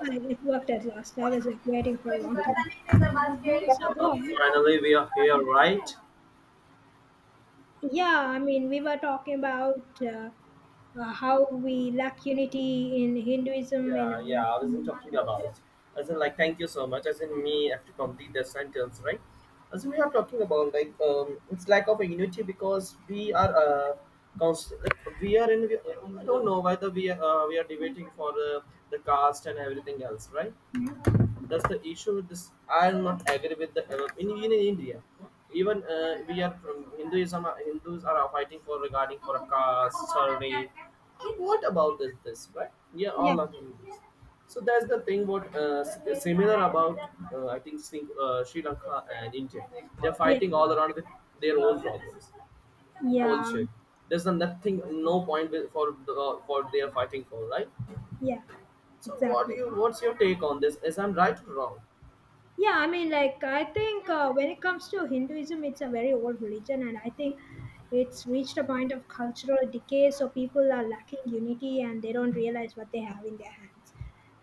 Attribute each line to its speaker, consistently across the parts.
Speaker 1: And it worked at last. I was like waiting for a long time.
Speaker 2: Uh,
Speaker 1: So go on.
Speaker 2: Finally, we are here, right?
Speaker 1: Yeah, I mean, we were talking about how we lack unity in Hinduism in
Speaker 2: Yeah,
Speaker 1: our
Speaker 2: yeah. I wasn't
Speaker 1: last
Speaker 2: talking
Speaker 1: conversation.
Speaker 2: about. As in, like, thank you so much. As in, me have to complete the sentence, right? As in, we are talking about like it's lack of unity because we are const- we are in. I don't know whether we are debating for the caste and everything else, right?
Speaker 1: Hmm?
Speaker 2: That's the issue with this. I am not agree with the in India, even we are from Hinduism. Hindus are fighting for regarding for a caste salary. What about this, right? Yeah,
Speaker 1: Yeah,
Speaker 2: all of Hindus. So that's the thing what similar about, I think Sri Lanka and India, they're
Speaker 1: yeah,
Speaker 2: fighting all around with their own problems
Speaker 1: yeah,
Speaker 2: also. There's a nothing, no point with, for the, for they are fighting for, right?
Speaker 1: yeah,
Speaker 2: So what do
Speaker 1: exactly.
Speaker 2: you, what's your take on this, is I'm right or wrong?
Speaker 1: Yeah, I mean, like, I think when it comes to Hinduism, it's a very old religion, and I think it's reached a point of cultural decay. So people are lacking unity, and they don't realize what they have in their hands.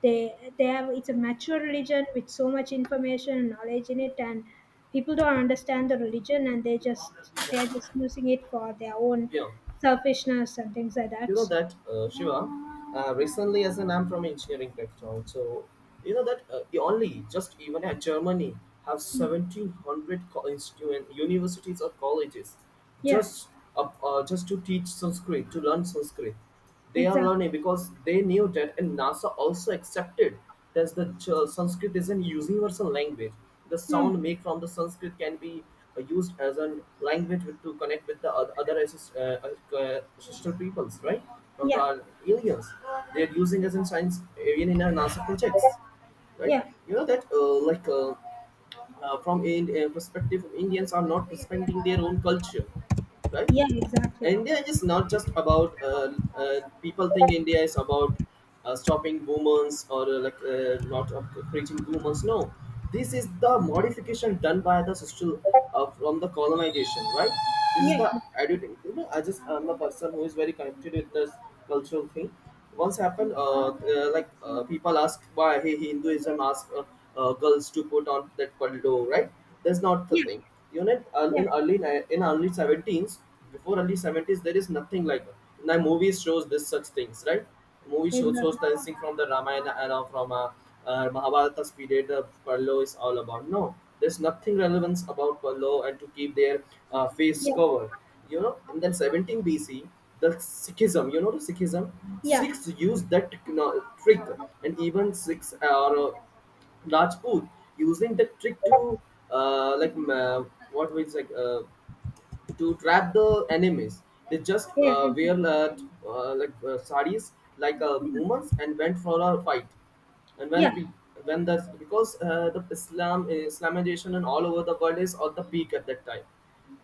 Speaker 1: They have it's a mature religion with so much information and knowledge in it, and people don't understand the religion, and they're just using it for their own
Speaker 2: Yeah,
Speaker 1: selfishness and things like
Speaker 2: you
Speaker 1: that.
Speaker 2: know
Speaker 1: So
Speaker 2: that, Shiva. Recently, as an I'm from engineering background, so you know that only just even at Germany have 1700 universities or colleges,
Speaker 1: yeah,
Speaker 2: just up, just to teach Sanskrit, to learn Sanskrit. They are
Speaker 1: exactly.
Speaker 2: learning because they knew that, and NASA also accepted that the Sanskrit is a universal language. The
Speaker 1: Hmm.
Speaker 2: sound made from the Sanskrit can be used as a language to connect with the other sister peoples, right? From
Speaker 1: Yeah,
Speaker 2: the aliens, they are using as in science, even in our NASA projects, right?
Speaker 1: yeah,
Speaker 2: You know that, like. From a perspective, Indians are not respecting their own culture, right?
Speaker 1: yeah, exactly.
Speaker 2: India is not just about people think India is about stopping women's or like not preaching women's. No, this is the modification done by the social, from the colonization, right? This is
Speaker 1: Yeah.
Speaker 2: the
Speaker 1: Exactly.
Speaker 2: editing. You know, I just am a person who is very connected with this cultural thing. Once happened, people ask, why, hey, Hinduism asks girls to put on that paldo, right? That's not the
Speaker 1: Yeah,
Speaker 2: thing. You know,
Speaker 1: yeah,
Speaker 2: in early 17s, before early 70s, there is nothing like that. Now movies shows this such things, right? Shows
Speaker 1: exactly.
Speaker 2: dancing from the Ramayana and from Mahabharata's period of Parlo is all about. No, there's nothing relevance about Parlo and to keep their face
Speaker 1: Yeah,
Speaker 2: covered. You know, and then 17 BC, the Sikhism, you know the Sikhism?
Speaker 1: yeah,
Speaker 2: Sikhs used that trick, and even Sikhs or Rajput using the trick to like what we like to trap the enemies. They just
Speaker 1: yeah, exactly.
Speaker 2: wear saris, like
Speaker 1: Yeah,
Speaker 2: women's, and went for a fight, and
Speaker 1: yeah,
Speaker 2: when that's because the Islamization and all over the world is at the peak at that time,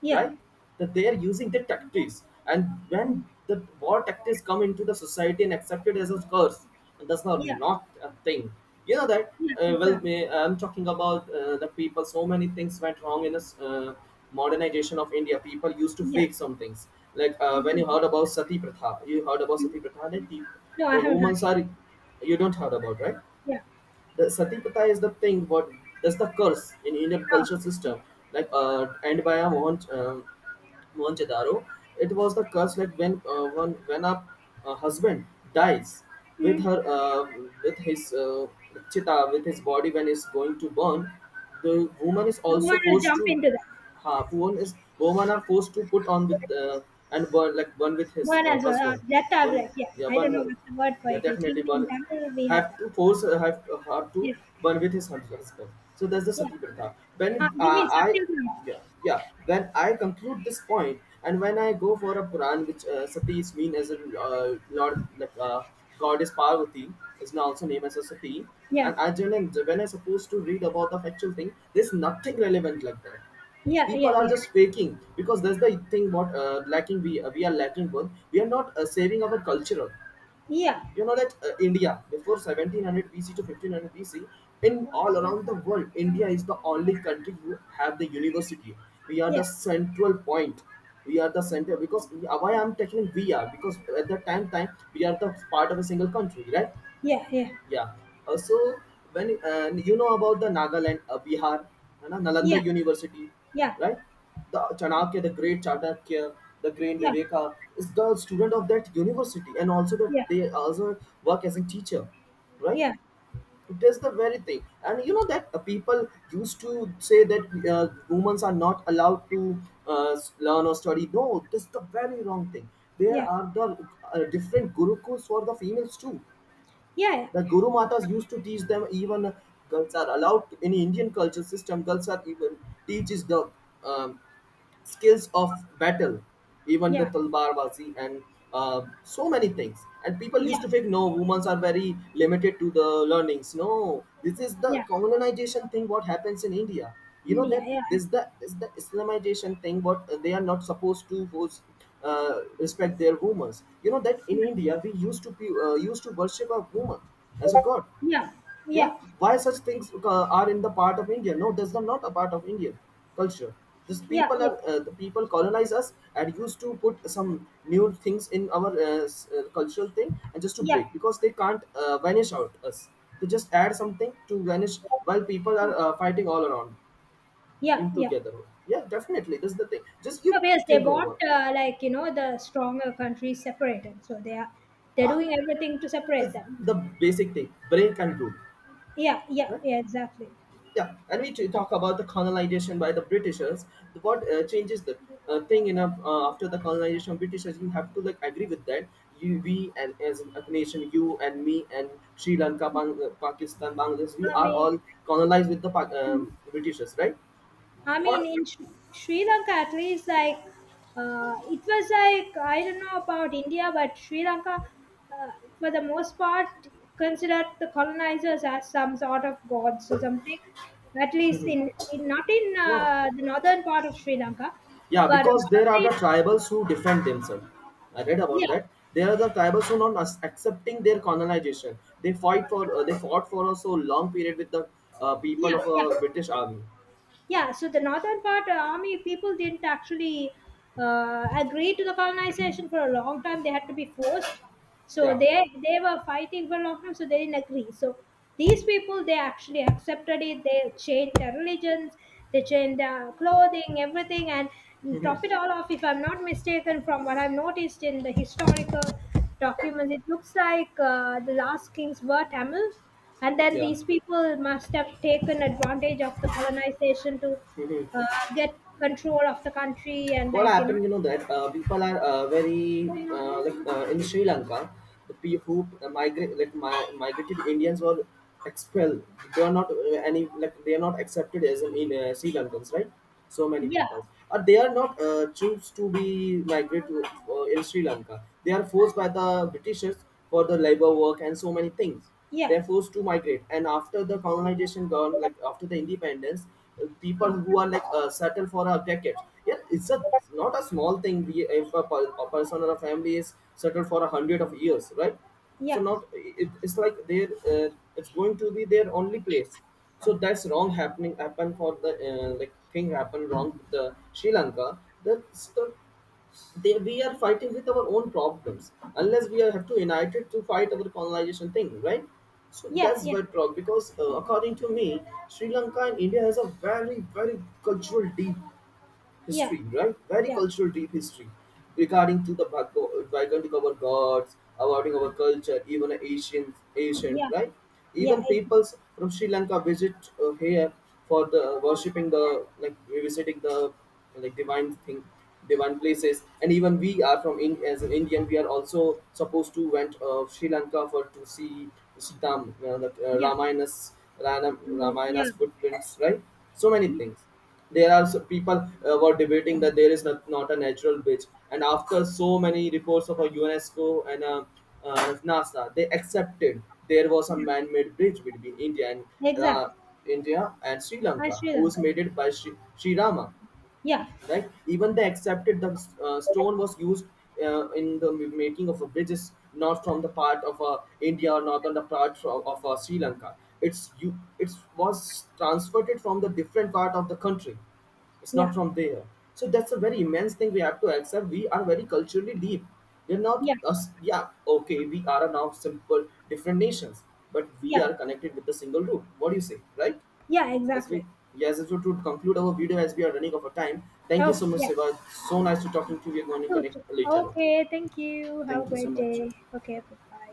Speaker 1: yeah,
Speaker 2: right? That they are using the tactics, and when the war tactics come into the society and accepted as a curse, and that's not
Speaker 1: yeah,
Speaker 2: not a thing. You know that.
Speaker 1: yeah,
Speaker 2: Well,
Speaker 1: exactly.
Speaker 2: I'm talking about the people. So many things went wrong in this modernization of India. People used to
Speaker 1: Yeah.
Speaker 2: fake some things. Like when you heard about sati pratha, you heard about sati
Speaker 1: Mm.
Speaker 2: pratha. That
Speaker 1: No, I
Speaker 2: the
Speaker 1: haven't heard.
Speaker 2: women are, you don't heard about, right?
Speaker 1: Yeah.
Speaker 2: The sati pratha is the thing, but that's the curse in Indian
Speaker 1: No.
Speaker 2: culture system, like and by a Mohan, Mohan Chadaro. It was the curse, like when a husband dies with
Speaker 1: Mm.
Speaker 2: her with his chitta, with his body, when it's going to burn, the woman is
Speaker 1: You
Speaker 2: also
Speaker 1: want to
Speaker 2: forced
Speaker 1: jump
Speaker 2: to,
Speaker 1: into that?
Speaker 2: ha, woman are forced to put on with and burn, like burn with his
Speaker 1: Word as well.
Speaker 2: husband. one
Speaker 1: Jattavirak. Yeah. I
Speaker 2: yeah One
Speaker 1: don't know what the word for
Speaker 2: yeah
Speaker 1: it is.
Speaker 2: Definitely
Speaker 1: Even in
Speaker 2: one
Speaker 1: Tamil, we had
Speaker 2: have
Speaker 1: that.
Speaker 2: to force, have to
Speaker 1: Yeah.
Speaker 2: burn with his husband. So that's the
Speaker 1: Yeah.
Speaker 2: sati pratha.
Speaker 1: Uh,
Speaker 2: When,
Speaker 1: you mean
Speaker 2: I
Speaker 1: Satyagraha?
Speaker 2: yeah yeah when I conclude this point and when I go for a Puran, which sati is mean as a Lord, like goddess Parvati is now also named as a sati.
Speaker 1: Yeah.
Speaker 2: And I generally, when I supposed to read about the factual thing, there's nothing relevant like that.
Speaker 1: Yeah. Yeah.
Speaker 2: People are
Speaker 1: Yeah.
Speaker 2: just faking because that's the thing what lacking we are lacking one. We are not saving our culture.
Speaker 1: Yeah.
Speaker 2: You know that India, before 1700 BC to 1500 BC, in all around the world, India is the only country who have the university. We are
Speaker 1: Yeah.
Speaker 2: the central point. We are the center, because why I'm taking we are, because at that time we are the part of a single country, right?
Speaker 1: Yeah. Yeah.
Speaker 2: Yeah. So when you know about the Nagaland, Bihar, and
Speaker 1: Yeah.
Speaker 2: Nalanda University,
Speaker 1: Yeah.
Speaker 2: right? The Chanakya, the great
Speaker 1: Yeah.
Speaker 2: Viveka is the student of that university, and also that they also work as a teacher, right?
Speaker 1: Yeah. Yeah.
Speaker 2: It is the very thing, and you know that people used to say that women are not allowed to learn or study. No, this is the very wrong thing. There
Speaker 1: Yeah.
Speaker 2: are the different gurukuls for the females too.
Speaker 1: Yeah.
Speaker 2: The Guru Matas used to teach them, even girls are allowed to, in Indian culture system. Girls are even teaches the um, skills of battle, even the
Speaker 1: Yeah,
Speaker 2: talbar bazi and so many things. And people used
Speaker 1: yeah,
Speaker 2: to think, no, women are very limited to the learnings. No, this is the
Speaker 1: yeah.
Speaker 2: colonization thing. What happens in India? You know
Speaker 1: India,
Speaker 2: that
Speaker 1: yeah, absolutely.
Speaker 2: this the Islamization thing. What they are not supposed to was respect their women. You know that in India we used to be used to worship a woman as a god.
Speaker 1: Yeah,
Speaker 2: Yeah,
Speaker 1: yeah,
Speaker 2: why such things are in the part of India? No, that's not a part of Indian culture. This
Speaker 1: yeah,
Speaker 2: people
Speaker 1: yeah,
Speaker 2: are the people colonize us and used to put some new things in our cultural thing, and just to
Speaker 1: yeah,
Speaker 2: break because they can't vanish out us. They just add something to vanish while people are
Speaker 1: true.
Speaker 2: fighting all around,
Speaker 1: Yeah,
Speaker 2: in
Speaker 1: yeah.
Speaker 2: together. Yeah, definitely this is the thing, just you
Speaker 1: No, because they
Speaker 2: think
Speaker 1: want
Speaker 2: over.
Speaker 1: like the stronger countries separated, so they're
Speaker 2: Ah,
Speaker 1: doing everything to
Speaker 2: this
Speaker 1: separate them.
Speaker 2: the basic thing brain can do,
Speaker 1: Yeah, yeah,
Speaker 2: right?
Speaker 1: yeah, exactly.
Speaker 2: Yeah, and we talk about the colonization by the Britishers. What changes the thing in a, after the colonization of Britishers? You have to like agree with that. You, we, and as a nation, you and me and Sri Lanka, Pakistan, Bangladesh, we
Speaker 1: I
Speaker 2: are
Speaker 1: mean,
Speaker 2: all colonized with the Britishers, right?
Speaker 1: I mean,
Speaker 2: What?
Speaker 1: in Sri Lanka, at least, like, it was like, I don't know about India, but Sri Lanka, uh, for the most part, considered the colonizers as some sort of gods or something. At least in not in
Speaker 2: No.
Speaker 1: the northern part of Sri Lanka,
Speaker 2: Yeah,
Speaker 1: but a
Speaker 2: because
Speaker 1: lot of
Speaker 2: there are the
Speaker 1: the.
Speaker 2: tribals who defend themselves. I read about
Speaker 1: Yeah,
Speaker 2: that. There are the tribals who not accepting their colonization. They fight for, they fought for a so long period with the
Speaker 1: yeah,
Speaker 2: people of
Speaker 1: yeah.
Speaker 2: a British army.
Speaker 1: Yeah, so the northern part army people didn't actually agree to the colonization for a long time. They had to be forced, so
Speaker 2: Yeah,
Speaker 1: they were fighting for a long time, so they didn't agree. So these people, they actually accepted it. They changed their religions, they changed their clothing, everything. And top it all off, if I'm not mistaken, from what I've noticed in the historical documents, it looks like the last kings were Tamils. And then
Speaker 2: yeah.
Speaker 1: these people must have taken advantage of the colonization to uh, get control of the country and,
Speaker 2: What
Speaker 1: like.
Speaker 2: happened? You know that people are very like in Sri Lanka, the people who migrated Indians were expelled. They are not any, like they are not accepted as an in Sri Lankans, right? So many
Speaker 1: Yeah,
Speaker 2: people or they are not choose to be migrate to, in Sri Lanka. They are forced by the Britishers for the labor work and so many things.
Speaker 1: yeah,
Speaker 2: They're forced to migrate, and after the colonization gone, like after the independence, people
Speaker 1: yeah,
Speaker 2: who are like settle for a jacket. Yeah, it's a not a small thing. If a, a person or a family is settled for a hundred of years, right? So
Speaker 1: yeah,
Speaker 2: not it, it's like their uh, it's going to be their only place. So that's wrong happening, happen for the thing happened wrong with the Sri Lanka. That's the, so they, we are fighting with our own problems, unless we are, have to unite it to fight our colonization thing, right? So
Speaker 1: yeah,
Speaker 2: that's
Speaker 1: yeah,
Speaker 2: why problem, because according to me, Sri Lanka and India has a very very cultural deep
Speaker 1: yeah,
Speaker 2: history, right? Very
Speaker 1: yeah,
Speaker 2: cultural deep history regarding to the background of our gods, about our culture, even Asians, ancient,
Speaker 1: yeah,
Speaker 2: right?
Speaker 1: yeah,
Speaker 2: Even peoples from Sri Lanka visit here for the worshipping, the like visiting the like divine thing, divine places, and even we are from in as an Indian, we are also supposed to went Sri Lanka for to see Sitam, the
Speaker 1: yeah,
Speaker 2: Ramayana's
Speaker 1: I mean, yeah,
Speaker 2: Ramayana's footprints, right? So many
Speaker 1: yeah,
Speaker 2: things. There are people were debating that there is not a natural bridge, and after so many reports of a UNESCO and NASA, they accepted there was a man-made bridge between India and uh,
Speaker 1: exactly.
Speaker 2: Sri
Speaker 1: And
Speaker 2: Lanka,
Speaker 1: Sri
Speaker 2: who was
Speaker 1: Lanka.
Speaker 2: made it by Sri Rama,
Speaker 1: Yeah,
Speaker 2: right? Even they accepted the stone was used in the making of a bridges, not from the part of India, or not on the part from, of Sri Lanka. It's you, it was transferred from the different part of the country. It's not
Speaker 1: yeah,
Speaker 2: from there. So that's a very immense thing, we have to accept, we are very culturally deep. We're not
Speaker 1: yeah,
Speaker 2: us, yeah, okay, we are now simple different nations, but we
Speaker 1: yeah,
Speaker 2: are connected with the single root, what do you say, right?
Speaker 1: yeah,
Speaker 2: As we,
Speaker 1: exactly.
Speaker 2: yes, as we to conclude our video as we are running out of time. Thank you so
Speaker 1: Okay,
Speaker 2: much,
Speaker 1: yeah,
Speaker 2: Seva. So nice to talking to you. We are going to
Speaker 1: you too.
Speaker 2: connect later.
Speaker 1: Okay,
Speaker 2: Okay.
Speaker 1: thank you. Have
Speaker 2: Thank
Speaker 1: a
Speaker 2: you so
Speaker 1: great
Speaker 2: much.
Speaker 1: day. Okay, bye bye.